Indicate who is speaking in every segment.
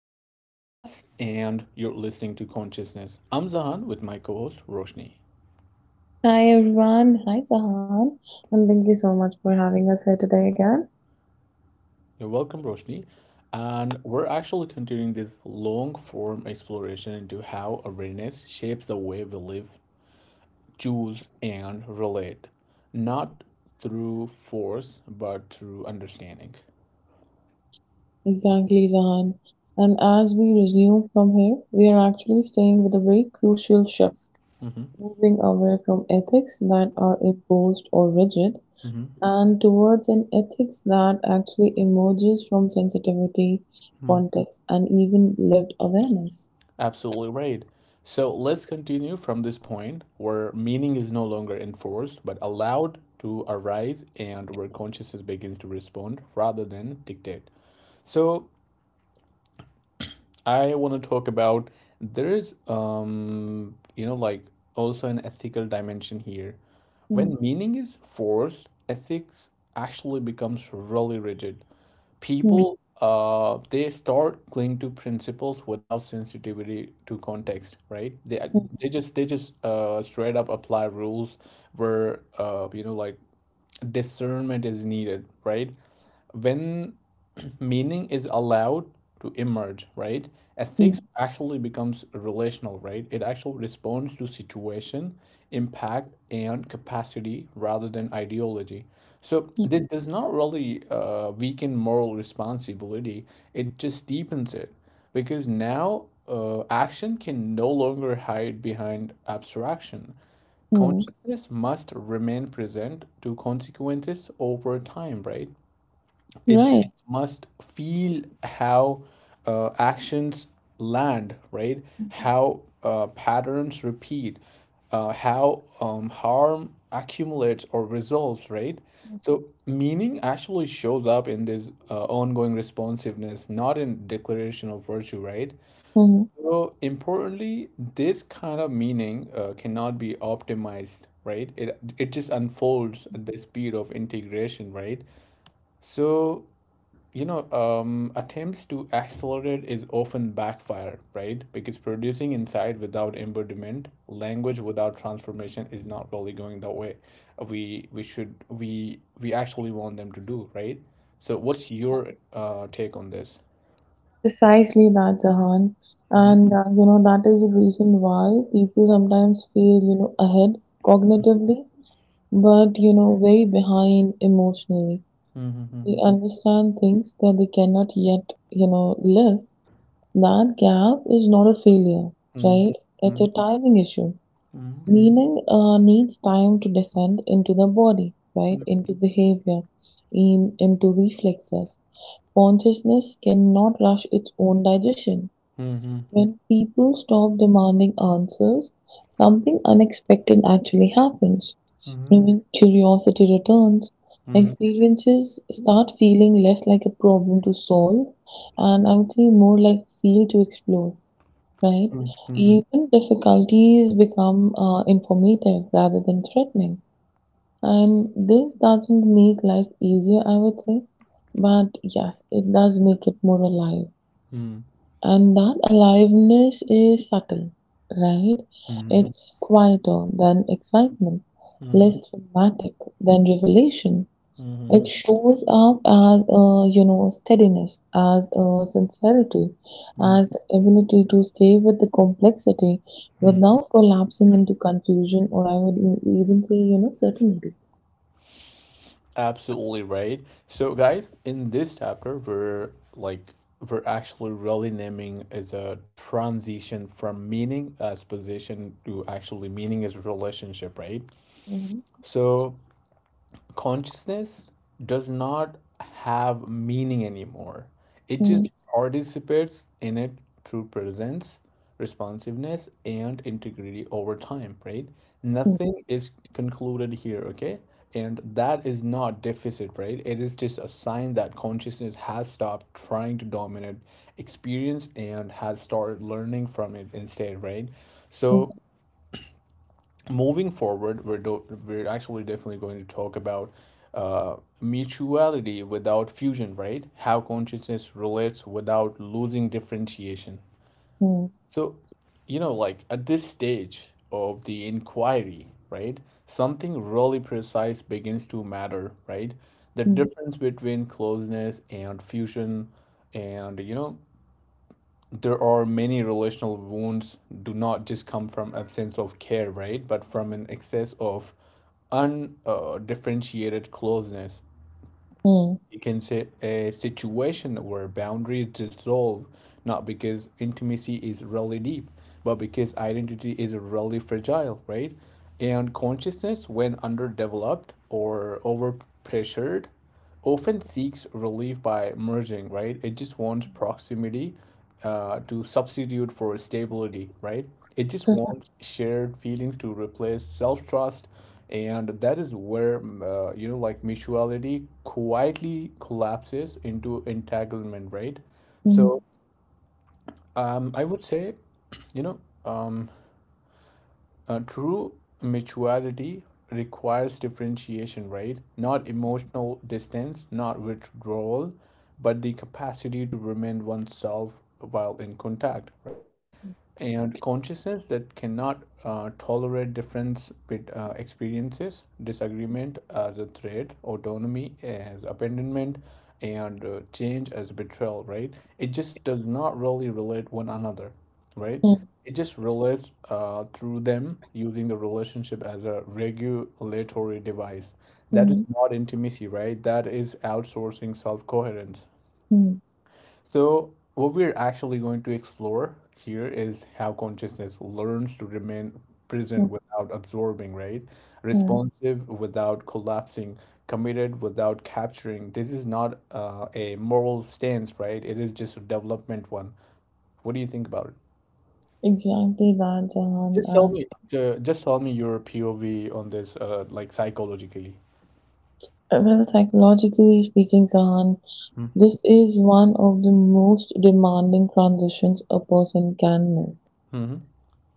Speaker 1: back to the podcast, and you're listening to Consciousness. I'm Zahan with my co host, Roshni.
Speaker 2: Hi everyone, hi Zahan, and thank you so much for having us here today again.
Speaker 1: You're welcome, Roshni. And we're actually continuing this long form exploration into how awareness shapes the way we live, choose, and relate, not through force, but through understanding.
Speaker 2: Exactly, Zahan. And as we resume from here, we are actually staying with a very crucial shift,
Speaker 1: Mm-hmm.
Speaker 2: moving away from ethics that are imposed or rigid
Speaker 1: Mm-hmm.
Speaker 2: and towards an ethics that actually emerges from sensitivity, context, and even lived awareness.
Speaker 1: Absolutely right. So let's continue from this point where meaning is no longer enforced but allowed to arise and where consciousness begins to respond rather than dictate. So I want to talk about there is also an ethical dimension here.
Speaker 2: Mm,
Speaker 1: When meaning is forced, ethics actually becomes really rigid.
Speaker 2: mm,
Speaker 1: People they start clinging to principles without sensitivity to context, right? They
Speaker 2: mm,
Speaker 1: they just they just uh straight up apply rules where discernment is needed, right? When meaning is allowed to emerge, right?
Speaker 2: mm,
Speaker 1: Ethics actually becomes relational, right? It actually responds to situation, impact, and capacity rather than ideology. So
Speaker 2: mm,
Speaker 1: this does not really weaken moral responsibility. It just deepens it because now action can no longer hide behind abstraction.
Speaker 2: mm.
Speaker 1: Consciousness must remain present to consequences over time, right? It
Speaker 2: Right.
Speaker 1: just must feel how actions land, right? How patterns repeat, how harm accumulates or resolves, right? So meaning actually shows up in this ongoing responsiveness, not in declaration of virtue, right?
Speaker 2: Mhm.
Speaker 1: So importantly, this kind of meaning cannot be optimized, right? It just unfolds at the speed of integration, right? So attempts to accelerate is often backfire, right? Because producing inside without embodiment, language without transformation, is not really going the way we should we actually want them to do, right? So, what's your take on this?
Speaker 2: Precisely that, Zahan. And that is the reason why people sometimes feel, ahead cognitively but very behind emotionally. They understand things that they cannot yet live. That gap is not a failure, right? It's a timing issue. Meaning needs time to descend into the body, right? Into behavior, in into reflexes. Consciousness cannot rush its own digestion. When people stop demanding answers, something unexpected actually happens. When curiosity returns, experiences start feeling less like a problem to solve and I would say more like field to explore, right? Even difficulties become informative rather than threatening. And this doesn't make life easier, I would say, but yes, it does make it more alive. And that aliveness is subtle, right? It's quieter than excitement, less dramatic than revelation. It shows up as a, you know, steadiness, as a sincerity, as the ability to stay with the complexity without collapsing into confusion or I would even say, certainty.
Speaker 1: Absolutely right. So, guys, in this chapter, we're actually really naming as a transition from meaning as position to actually meaning as relationship, right?
Speaker 2: 음,
Speaker 1: So, consciousness does not have meaning anymore. It
Speaker 2: 음,
Speaker 1: just participates in it through presence, responsiveness, and integrity over time, right?
Speaker 2: 음,
Speaker 1: Nothing is concluded here, okay? And that is not deficit, right? It is just a sign that consciousness has stopped trying to dominate experience and has started learning from it instead, right?
Speaker 2: 음,
Speaker 1: So moving forward, we're actually definitely going to talk about mutuality without fusion, right? How consciousness relates without losing differentiation.
Speaker 2: 음,
Speaker 1: So, you know, like at this stage of the inquiry, right, something really precise begins to matter, right? The
Speaker 2: 음,
Speaker 1: difference between closeness and fusion, and you know, there are many relational wounds do not just come from absence of care, right, but from an excess of undifferentiated closeness.
Speaker 2: 음.
Speaker 1: You can say a situation where boundaries dissolve not because intimacy is really deep but because identity is really fragile, right? And consciousness, when underdeveloped or overpressured, often seeks relief by merging, right? It just wants proximity to substitute for stability, right? It just
Speaker 2: 그래서,
Speaker 1: wants shared feelings to replace self-trust, and that is where mutuality quietly collapses into entanglement, right?
Speaker 2: 음,
Speaker 1: So I would say, you know, um, true mutuality requires differentiation, right? Not emotional distance, not withdrawal, but the capacity to remain oneself while in contact, right?
Speaker 2: 음,
Speaker 1: And consciousness that cannot tolerate difference with experiences, disagreement as a threat, autonomy as abandonment, and change as betrayal, right? It just does not really relate one another, right?
Speaker 2: 음,
Speaker 1: It just relates through them, using the relationship as a regulatory device. That is
Speaker 2: 음,
Speaker 1: not intimacy, right? That is outsourcing self coherence.
Speaker 2: 음,
Speaker 1: So, what we're actually going to explore here is how consciousness learns to remain present without absorbing, right?
Speaker 2: 음.
Speaker 1: Responsive without collapsing, committed without capturing. This is not a moral stance, right? It is just a development one. What do you think about it?
Speaker 2: Exactly that, Jahan.
Speaker 1: Just tell
Speaker 2: And
Speaker 1: me, ju- just tell me your POV on this, like psychologically.
Speaker 2: well, psychologically speaking, Jahan, this is one of the most demanding transitions a person can make.
Speaker 1: Mhm,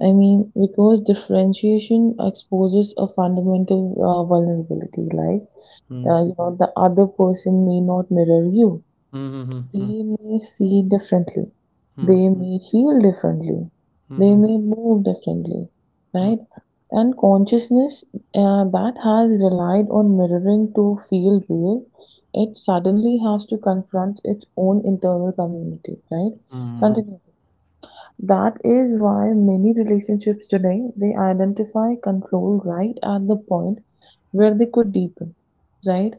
Speaker 2: I mean, because differentiation exposes a fundamental vulnerability, like
Speaker 1: mhm,
Speaker 2: the other person may not mirror you.
Speaker 1: mhm, mhm,
Speaker 2: They may see differently. They may feel differently.
Speaker 1: mhm,
Speaker 2: They
Speaker 1: mhm,
Speaker 2: may move differently,
Speaker 1: mhm,
Speaker 2: right? And consciousness that has relied on mirroring to feel real, it suddenly has to confront its own internal community, right?
Speaker 1: mhm,
Speaker 2: Continue. That is why many relationships today they identify control right at the point where they could deepen, right?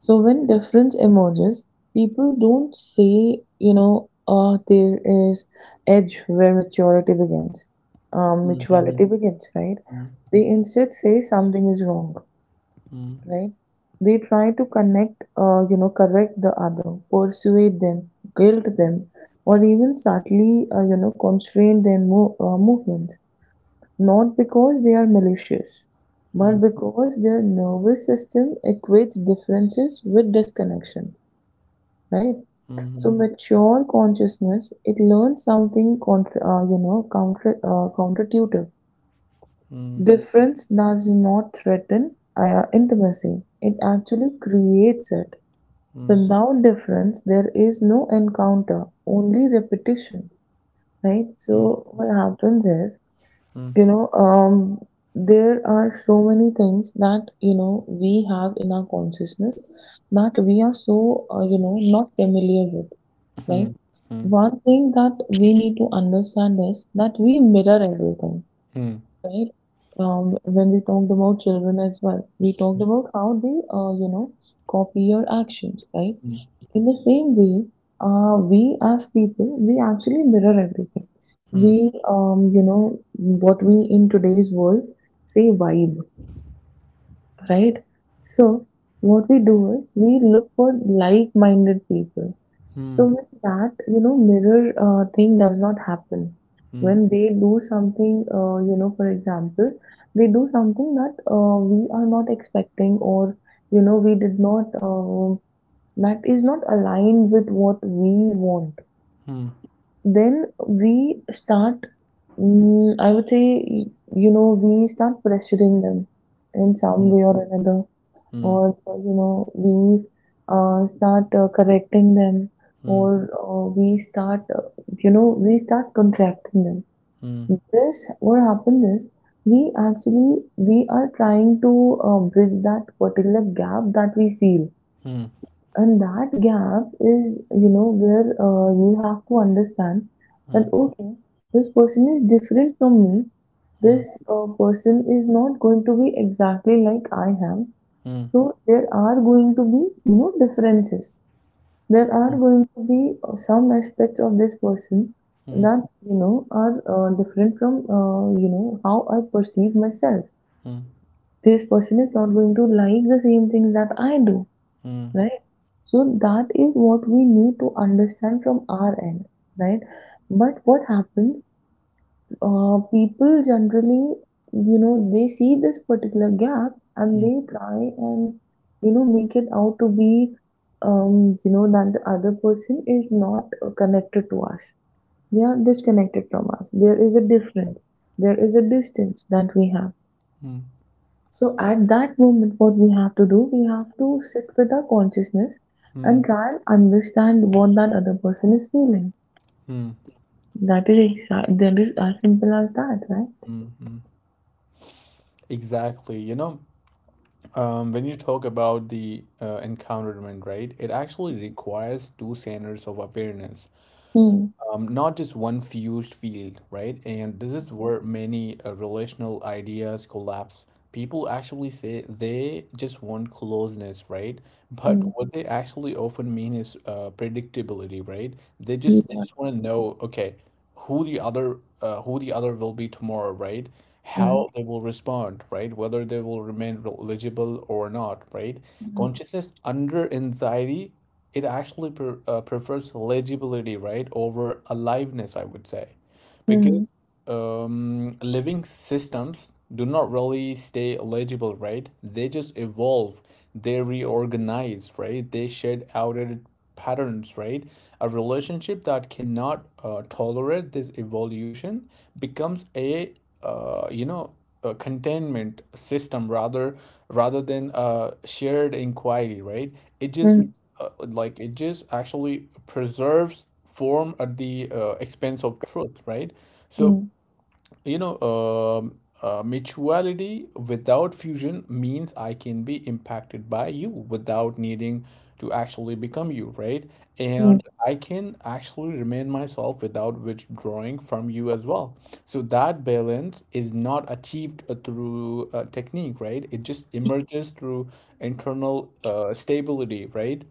Speaker 2: So when difference emerges, people don't say, there is edge where maturity begins,
Speaker 1: mhm, mhm, mhm, mhm, mhm, mhm, mhm, mhm, mhm, mhm, mhm, mhm,
Speaker 2: mutuality begins, right?
Speaker 1: mhm, mhm,
Speaker 2: They instead say something is wrong, right? They try to connect, correct the other, persuade them, guilt them, or even subtly, constrain their movements. Not because they are malicious, but because their nervous system equates differences with disconnection, right?
Speaker 1: mhm, mhm, mhm, mhm, mhm, mhm, mhm, mhm, mhm, mhm, mhm, mhm, mhm,
Speaker 2: So
Speaker 1: mhm,
Speaker 2: mature consciousness, it learns something contra, you know, counter, counterintuitive. Difference does not threaten intimacy. It actually creates it. Without difference, there is no encounter, only repetition, right? So what happens is, you know, um, there are so many things that, we have in our consciousness that we are so, not familiar with, right? One thing that we need to understand is that we mirror everything, right? When we talked about children as well, we talked about how they, copy your actions, right? In the same way, we as people, we actually mirror everything. We, what we in today's world say vibe, right? So, what we do is we look for like minded people. So, when that, mirror thing does not happen, when they do something, for example, they do something that we are not expecting or, we did not. That is not aligned with what we want, then we start, I would say, we start pressuring them in some way or another, or, we start correcting them, or we start contracting them. This, what happens is, we are trying to bridge that particular gap that we feel, and that gap is, where you have to understand that, okay, this person is different from me. This person is not going to be exactly like I am. So there are going to be, differences. There are going to be some aspects of this person that, are different from, how I perceive myself. This person is not going to like the same things that I do, right? So that is what we need to understand from our end, right? But what happens, people generally, they see this particular gap and they try and, make it out to be, that the other person is not connected to us. They are disconnected from us. There is a difference. There is a distance that we have.
Speaker 1: mhm, mhm,
Speaker 2: So at that moment, what we have to do, we have to sit with our consciousness and try and understand what that other person is feeling.
Speaker 1: mhm,
Speaker 2: That is as simple as that, right?
Speaker 1: mhm. Exactly, you know, when you talk about the encounterment, right, it actually requires two standards of awareness,
Speaker 2: Hmm.
Speaker 1: not just one fused field, right? And this is where many relational ideas collapse. People actually say they just want closeness, right? But
Speaker 2: Hmm.
Speaker 1: what they actually often mean is predictability, right? They
Speaker 2: Hmm.
Speaker 1: just they just
Speaker 2: Yeah.
Speaker 1: want to know, okay, who the other will be tomorrow, right?
Speaker 2: Hmm.
Speaker 1: How they will respond, right? Whether they will remain eligible or not, right?
Speaker 2: Hmm.
Speaker 1: Consciousness under anxiety, it actually prefers legibility, right, over aliveness, I would say.
Speaker 2: Hmm.
Speaker 1: Because living systems do not really stay eligible, right? They just evolve, they reorganize, right? They shed outdated patterns, right? A relationship that cannot tolerate this evolution becomes a uh, you know a containment system rather than a shared inquiry, right? It just
Speaker 2: Hmm.
Speaker 1: it just actually preserves form at the expense of truth, right? So
Speaker 2: Hmm.
Speaker 1: you know, mutuality without fusion means I can be impacted by you without needing to actually become you, right?
Speaker 2: Hmm.
Speaker 1: And I can actually remain myself without withdrawing from you as well. So that balance is not achieved through technique, right? It just emerges through internal stability, right?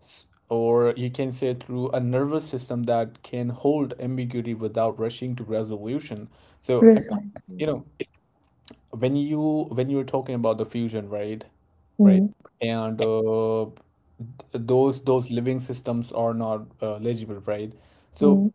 Speaker 1: Or you can say through a nervous system that can hold ambiguity without rushing to resolution. So
Speaker 2: Precisely.
Speaker 1: you know, when you were talking about the fusion, right? Right.
Speaker 2: Hmm.
Speaker 1: And those living systems are not legible, right? So,
Speaker 2: Hmm.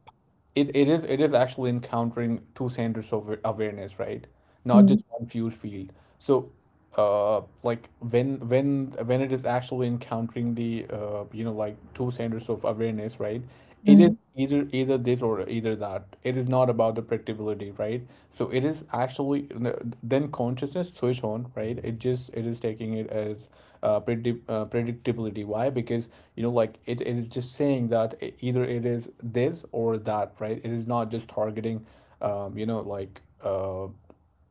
Speaker 1: it is, it is actually encountering two centers of awareness, right? Not
Speaker 2: Hmm.
Speaker 1: just one fused field. So when it is actually encountering the two centers of awareness, right? It
Speaker 2: Hmm.
Speaker 1: is either either this or either that. It is not about the irritability, right? So it is actually, then consciousness switch on, right? It just it is taking it as predictability. Why? Because it, it is just saying that either it is this or that, right? It is not just targeting um, you know like uh,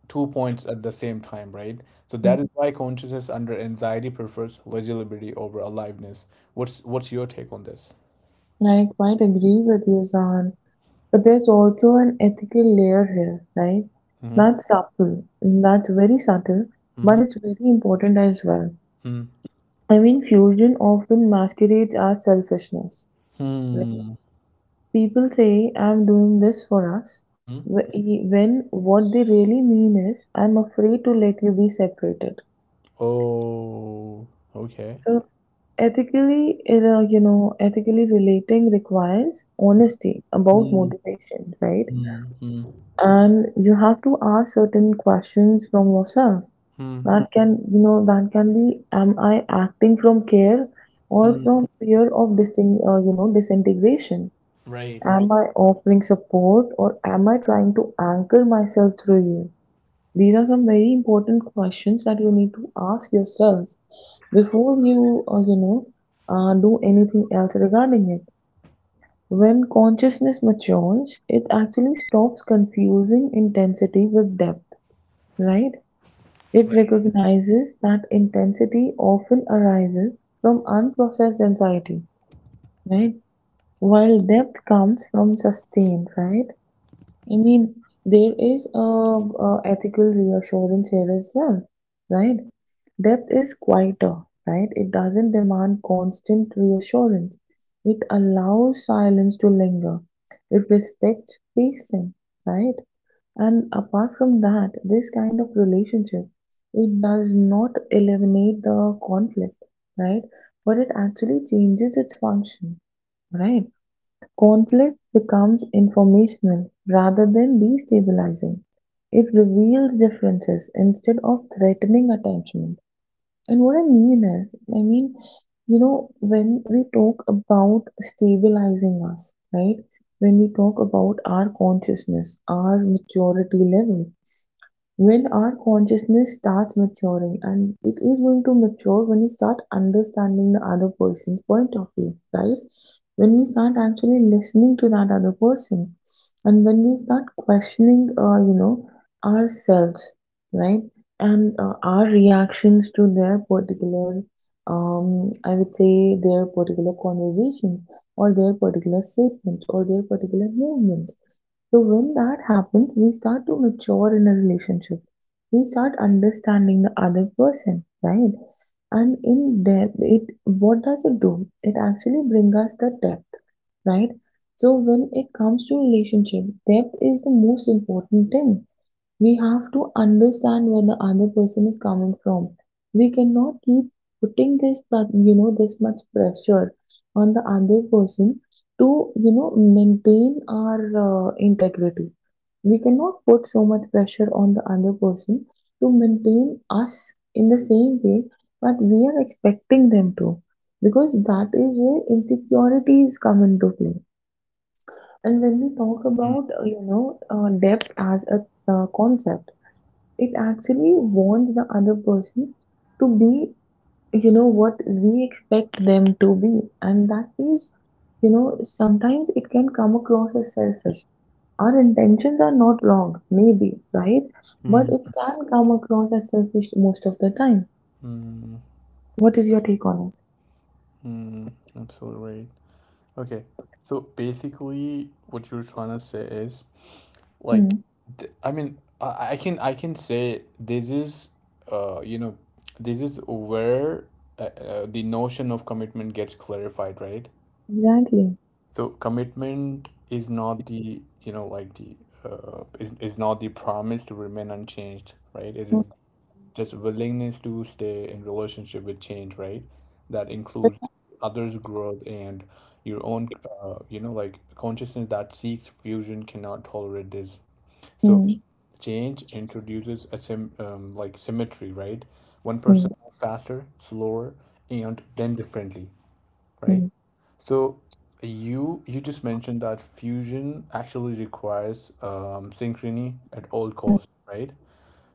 Speaker 1: two points at the same time, right? So
Speaker 2: Hmm.
Speaker 1: that is why consciousness under anxiety prefers legibility over aliveness. What's your take on this?
Speaker 2: I quite agree with you, Zahan. But there's also an ethical layer here, right?
Speaker 1: Mm-hmm.
Speaker 2: That's subtle. That's very subtle, but
Speaker 1: Mm-hmm.
Speaker 2: it's very important as well. I mean, fusion often masquerades as selfishness. Right?
Speaker 1: Hmm.
Speaker 2: People say, "I'm doing this for us,"
Speaker 1: Hmm.
Speaker 2: wh- e, when what they really mean is, "I'm afraid to let you be separated."
Speaker 1: Oh, okay.
Speaker 2: So ethically, relating requires honesty about
Speaker 1: Mm,
Speaker 2: motivation, right?
Speaker 1: mm, mm,
Speaker 2: And you have to ask certain questions from yourself.
Speaker 1: mm,
Speaker 2: That can, you know, that can be, am I acting from care or
Speaker 1: mm.
Speaker 2: from fear of disintegration?
Speaker 1: Right,
Speaker 2: Am I offering support, or am I trying to anchor myself through you? These are some very important questions that you need to ask yourself before you, do anything else regarding it. When consciousness matures, it actually stops confusing intensity with depth, right? It
Speaker 1: right.
Speaker 2: recognizes that intensity often arises from unprocessed anxiety, right? While depth comes from sustain, right? I mean, there is a ethical reassurance here as well, right? Depth is quieter, right? It doesn't demand constant reassurance. It allows silence to linger. It respects pacing, right? And apart from that, this kind of relationship, it does not eliminate the conflict, right? But it actually changes its function, right? Conflict becomes informational rather than destabilizing. It reveals differences instead of threatening attachment. And what I mean is, I mean, when we talk about stabilizing us, right? When we talk about our consciousness, our maturity level, when our consciousness starts maturing, and it is going to mature when we start understanding the other person's point of view, right, when we start actually listening to that other person, and when we start questioning, ourselves, right, and our reactions to their particular, I would say their particular conversation, or their particular statement, or their particular movement. So when that happens, we start to mature in a relationship. We start understanding the other person, right? And in there, it what does it do? It actually brings us the depth, right? So when it comes to relationship, depth is the most important thing. We have to understand where the other person is coming from. We cannot keep putting this, pra- you know, this much pressure on the other person to, maintain our integrity. We cannot put so much pressure on the other person to maintain us in the same way that we are expecting them to, because that is where insecurities come into play. And when we talk
Speaker 1: Mm,
Speaker 2: about, depth as a concept, it actually wants the other person to be, what we expect them to be. And that is, sometimes it can come across as selfish. Our intentions are not wrong, maybe, right? But it
Speaker 1: mhm,
Speaker 2: can come across as selfish most of the time.
Speaker 1: mm,
Speaker 2: What is your take on it?
Speaker 1: mm. Absolutely right. Okay. So basically, what you're trying to say is like,
Speaker 2: Hmm.
Speaker 1: I mean, I can say this is uh you know this is where the notion of commitment gets clarified, right?
Speaker 2: Exactly.
Speaker 1: So commitment is not the, you know, like the is not the promise to remain unchanged, right? It
Speaker 2: Hmm.
Speaker 1: is just willingness to stay in relationship with change, right? That includes others' growth and your own, like consciousness that seeks fusion cannot tolerate this. So
Speaker 2: Hmm.
Speaker 1: change introduces a sim like symmetry, right? One person moves faster, slower, and then differently, right?
Speaker 2: Hmm.
Speaker 1: So you just mentioned that fusion actually requires synchrony at all
Speaker 2: Hmm. Hmm.
Speaker 1: costs, right?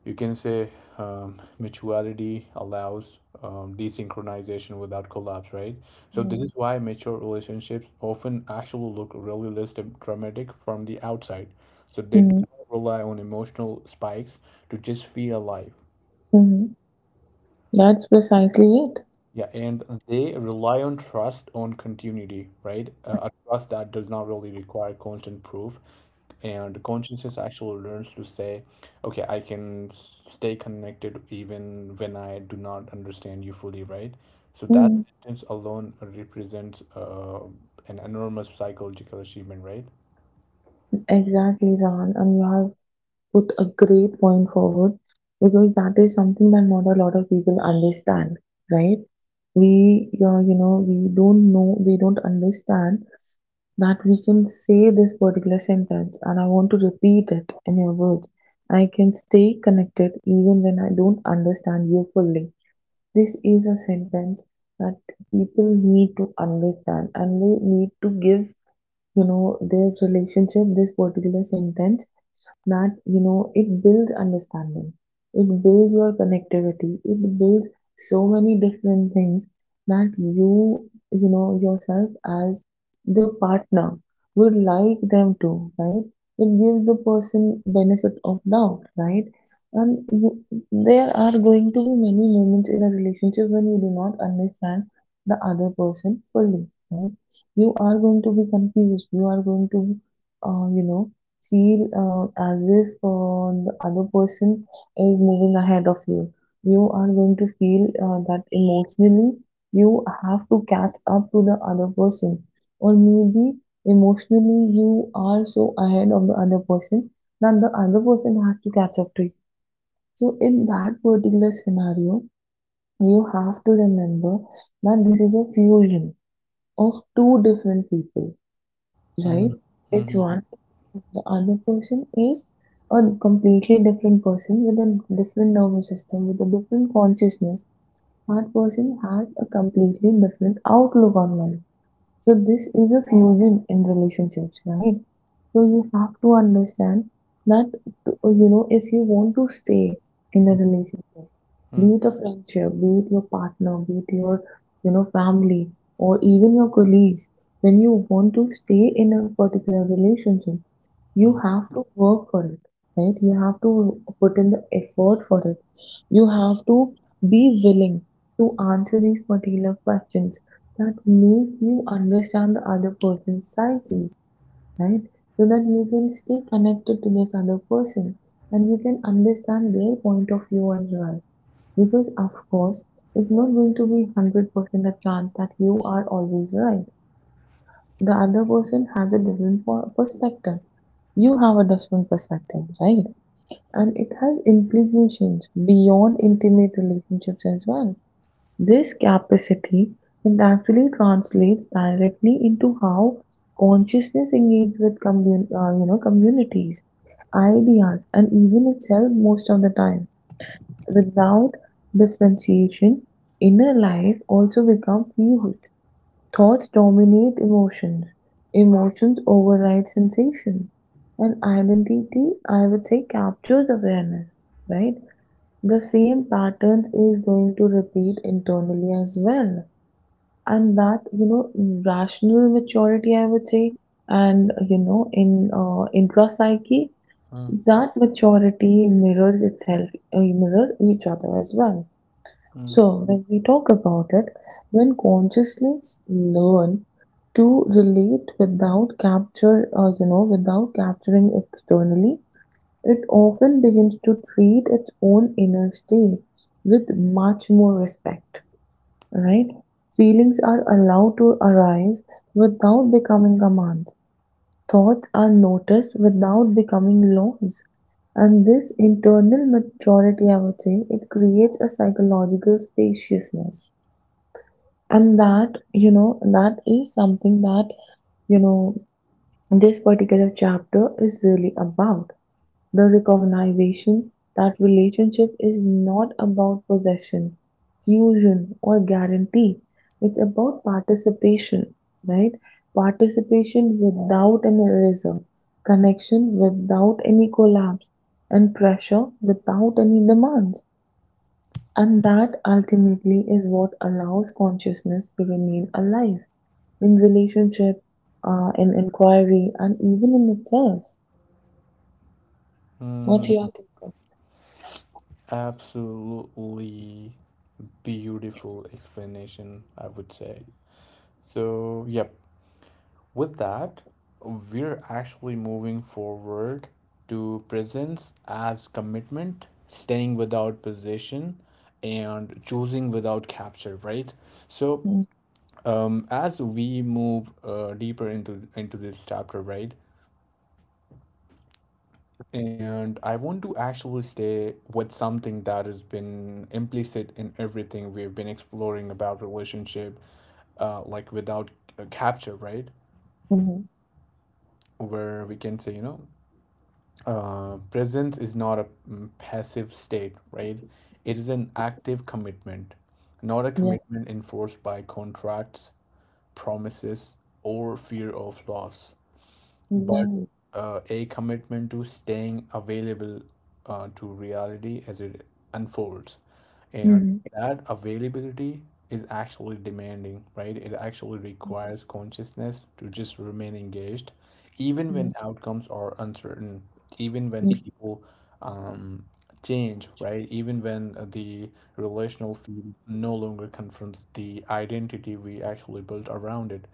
Speaker 1: You can say mutuality allows desynchronization without collapse, right? So this
Speaker 2: Hmm.
Speaker 1: is why mature relationships often actually look really dramatic from the outside. So they don't
Speaker 2: Hmm.
Speaker 1: rely on emotional spikes to just feel alive.
Speaker 2: Hmm. That's precisely it.
Speaker 1: Yeah, and they rely on trust on continuity, right? A trust that does not really require constant proof. And consciousness actually learns to say, okay, I can stay connected even when I do not understand you fully, right? So that
Speaker 2: Hmm.
Speaker 1: sentence alone represents an enormous psychological achievement, right?
Speaker 2: Exactly, Zahan. And you have put a great point forward, because that is something that not a lot of people understand, right? We don't know, we don't understand that we can say this particular sentence, and I want to repeat it in your words. I can stay connected even when I don't understand you fully. This is a sentence that people need to understand, and they need to give, their relationship this particular sentence that, it builds understanding, it builds your connectivity, it builds so many different things that you know yourself as the partner would like them to, right? It gives the person benefit of doubt, right? And you, there are going to be many moments in a relationship when you do not understand the other person fully, right? You are going to be confused, you are going to uh, you know feel as if the other person is moving ahead of you. You are going to feel that emotionally you have to catch up to the other person, or maybe emotionally you are so ahead of the other person that the other person has to catch up to you. So, in that particular scenario, you have to remember that this is a fusion of two different people,
Speaker 1: Mm,
Speaker 2: right? It's
Speaker 1: mm, mm,
Speaker 2: one, the other person is a completely different person with a different nervous system, with a different consciousness. That person has a completely different outlook on life. So this is a fusion in relationships, right? So you have to understand that you know if you want to stay in a relationship,
Speaker 1: mm,
Speaker 2: be it a friendship, be it your partner, be it your, family, or even your colleagues, when you want to stay in a particular relationship, you
Speaker 1: mm,
Speaker 2: have to work for it, right? You have to put in the effort for it. You have to be willing to answer these particular questions that make you understand the other person's psyche, right? So that you can stay connected to this other person and you can understand their point of view as well. Because, of course, it's not going to be 100% a chance that you are always right, the other person has a different perspective. You have a different perspective, right? And it has implications beyond intimate relationships as well. This capacity can actually translates directly into how consciousness engages with communities, ideas, and even itself most of the time. Without differentiation, inner life also becomes fluid. Thoughts dominate emotions, emotions override sensation, and identity, I would say, captures awareness, right? The same patterns is going to repeat internally as well. And that, you know, rational maturity, I would say, and, you know, in intrapsyche,
Speaker 1: mm,
Speaker 2: that maturity mirrors itself, mirror each other as well.
Speaker 1: mm,
Speaker 2: So, when we talk about it, when consciousness learn to relate without capture, without capturing externally, it often begins to treat its own inner state with much more respect, right? Feelings are allowed to arise without becoming commands. Thoughts are noticed without becoming laws. And this internal maturity, I would say, it creates a psychological spaciousness, and that, you know, that is something that, you know, this particular chapter is really about. The recognition that relationship is not about possession, fusion, or guarantee. It's about participation, right? Participation without an eraser, connection without any collapse, and pressure without any demands. And that ultimately is what allows consciousness to remain alive in relationship, in inquiry, and even in itself. What do you
Speaker 1: mm.
Speaker 2: think of?
Speaker 1: Absolutely beautiful explanation, I would say. So, yep, with that, we're actually moving forward to presence as commitment, staying without position, and choosing without capture, right? So, as we move deeper into this chapter, right? And I want to actually stay with something that has been implicit in everything we've been exploring about relationship, like without a capture, right?
Speaker 2: Mm-hmm.
Speaker 1: Where we can say, you know, presence is not a passive state, right? It is an active commitment, not a
Speaker 2: Yes,
Speaker 1: commitment enforced by contracts, promises, or fear of loss, but
Speaker 2: exactly.
Speaker 1: a commitment to staying available to reality as it unfolds. And
Speaker 2: Mm-hmm.
Speaker 1: that availability is actually demanding, right? It actually requires consciousness to just remain engaged, even
Speaker 2: Mm,
Speaker 1: when outcomes are uncertain, even when
Speaker 2: mm,
Speaker 1: people um, change, right? Even when the relational field no longer confirms the identity we actually built around it.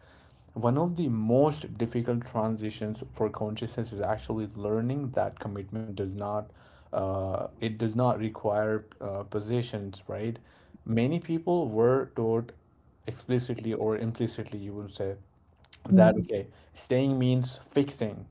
Speaker 1: One of the most difficult transitions for consciousness is actually learning that commitment does not, it does not require positions, right? Many people were taught explicitly or implicitly, you would say, that
Speaker 2: mm,
Speaker 1: okay, staying means fixing,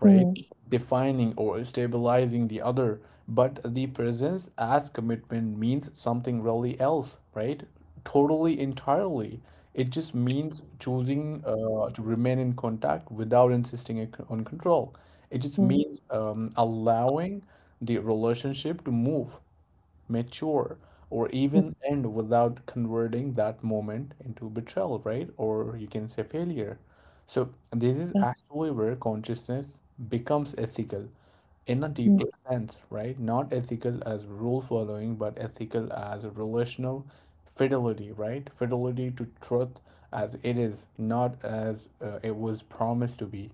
Speaker 1: right?
Speaker 2: mm,
Speaker 1: Defining or stabilizing the other, but the presence as commitment means something really else, right? Totally, entirely. It just means choosing to remain in contact without insisting on control. It just
Speaker 2: mm,
Speaker 1: means allowing the relationship to move, mature, or
Speaker 2: mm,
Speaker 1: even end without converting that moment into betrayal, right? Or you can say failure. So, this is
Speaker 2: That
Speaker 1: actually where consciousness becomes ethical in a
Speaker 2: mm,
Speaker 1: deeper sense, right? Not ethical as rule following, but ethical as a relational fidelity, right? Fidelity to truth as it is, not as it was promised to be.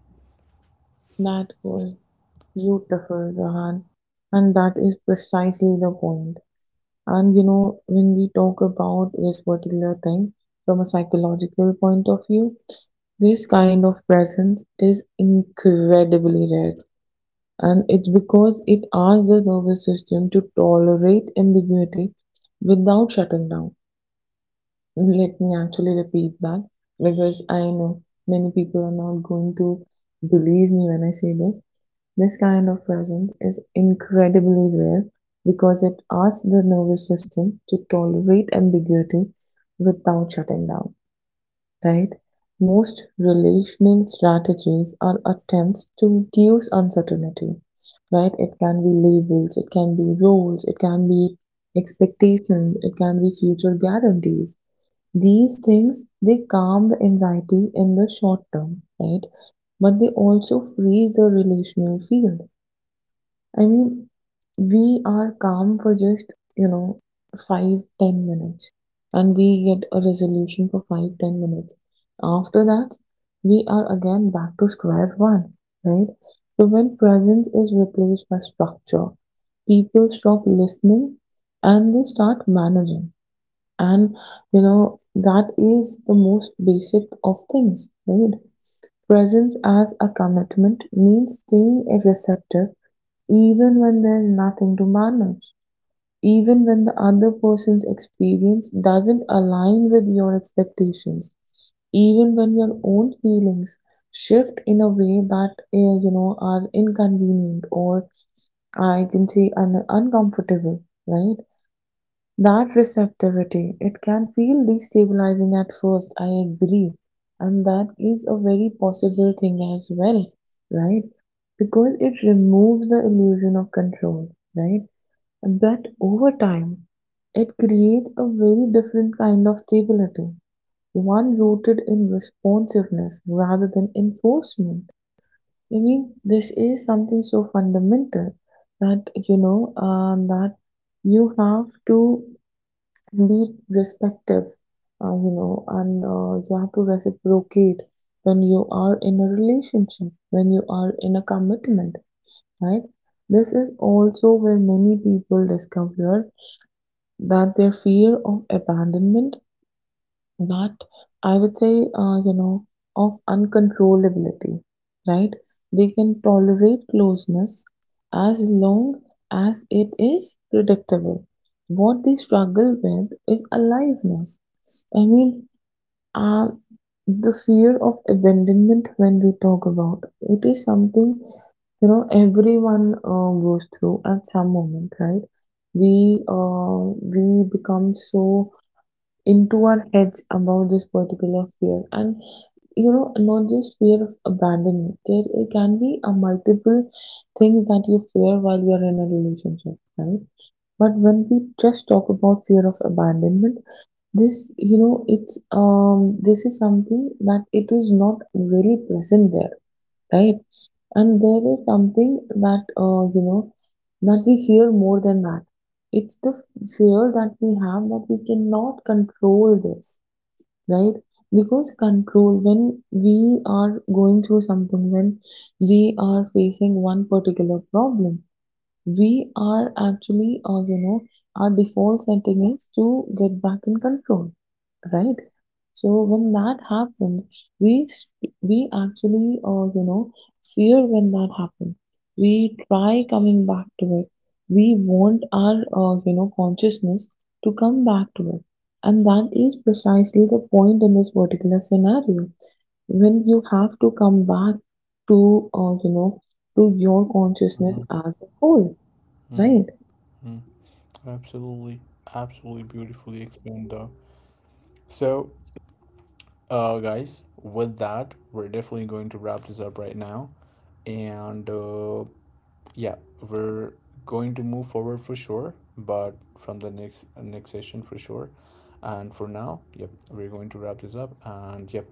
Speaker 2: that was beautiful, Rahan. And that is precisely the point. And you know, when we talk about this particular thing from a psychological point of view, this kind of presence is incredibly rare. And it's because it asks the nervous system to tolerate ambiguity without shutting down. Let me actually repeat that because I know many people are not going to believe me when I say this. This kind of presence is incredibly rare because it asks the nervous system to tolerate ambiguity without shutting down. Most relational strategies are attempts to reduce uncertainty. Right? It can be labels, it can be roles, it can be expectations, it can be future guarantees. These things, they calm the anxiety in the short term, right? But they also freeze the relational field. I mean, we are calm for just, 5, 10 minutes, and we get a resolution for 5, 10 minutes. After that, we are again back to square one, right? So when presence is replaced by structure, people stop listening and they start managing. And, that is the most basic of things, right? Presence as a commitment means staying receptive even when there's nothing to manage, even when the other person's experience doesn't align with your expectations, even when your own feelings shift in a way that are inconvenient or I can say uncomfortable, right? That receptivity, it can feel destabilizing at first, I agree. And that is a very possible thing as well, right? Because it removes the illusion of control, right? But over time, it creates a very different kind of stability, one rooted in responsiveness rather than enforcement. I mean, this is something so fundamental that, that you have to be respective, and you have to reciprocate when you are in a relationship, when you are in a commitment, right? This is also where many people discover that their fear of abandonment, but I would say, of uncontrollability, right? They can tolerate closeness as long as it is predictable. What they struggle with is aliveness. I mean, uh, the fear of abandonment when we talk about it is something, everyone goes through at some moment, right? We we become so into our heads about this particular fear, and not just fear of abandonment, there it can be a multiple things that you fear while you're in a relationship, right? But when we just talk about fear of abandonment, this you know it's, this is something that it is not really present there, right? And there is something that, that we fear more than that. It's the fear that we have that we cannot control this, right? Because control, when we are going through something, when we are facing one particular problem, we are actually, our default setting is to get back in control, right? So when that happened, we actually, fear when that happened. We try coming back to it. We want our, consciousness to come back to it, and that is precisely the point in this particular scenario. When you have to come back to, to your consciousness
Speaker 1: Mhm.
Speaker 2: as a whole.
Speaker 1: Mhm.
Speaker 2: Right.
Speaker 1: Absolutely, absolutely beautifully explained, though. So, guys, with that, we're definitely going to wrap this up right now. And yeah, we're going to move forward for sure, but from the next next session for sure. And for now, yep, we're going to wrap this up. And yep,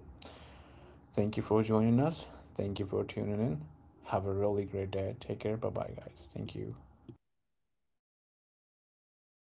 Speaker 1: thank you for joining us. Thank you for tuning in. Have a really great day. Take care. Bye bye, guys. Thank you.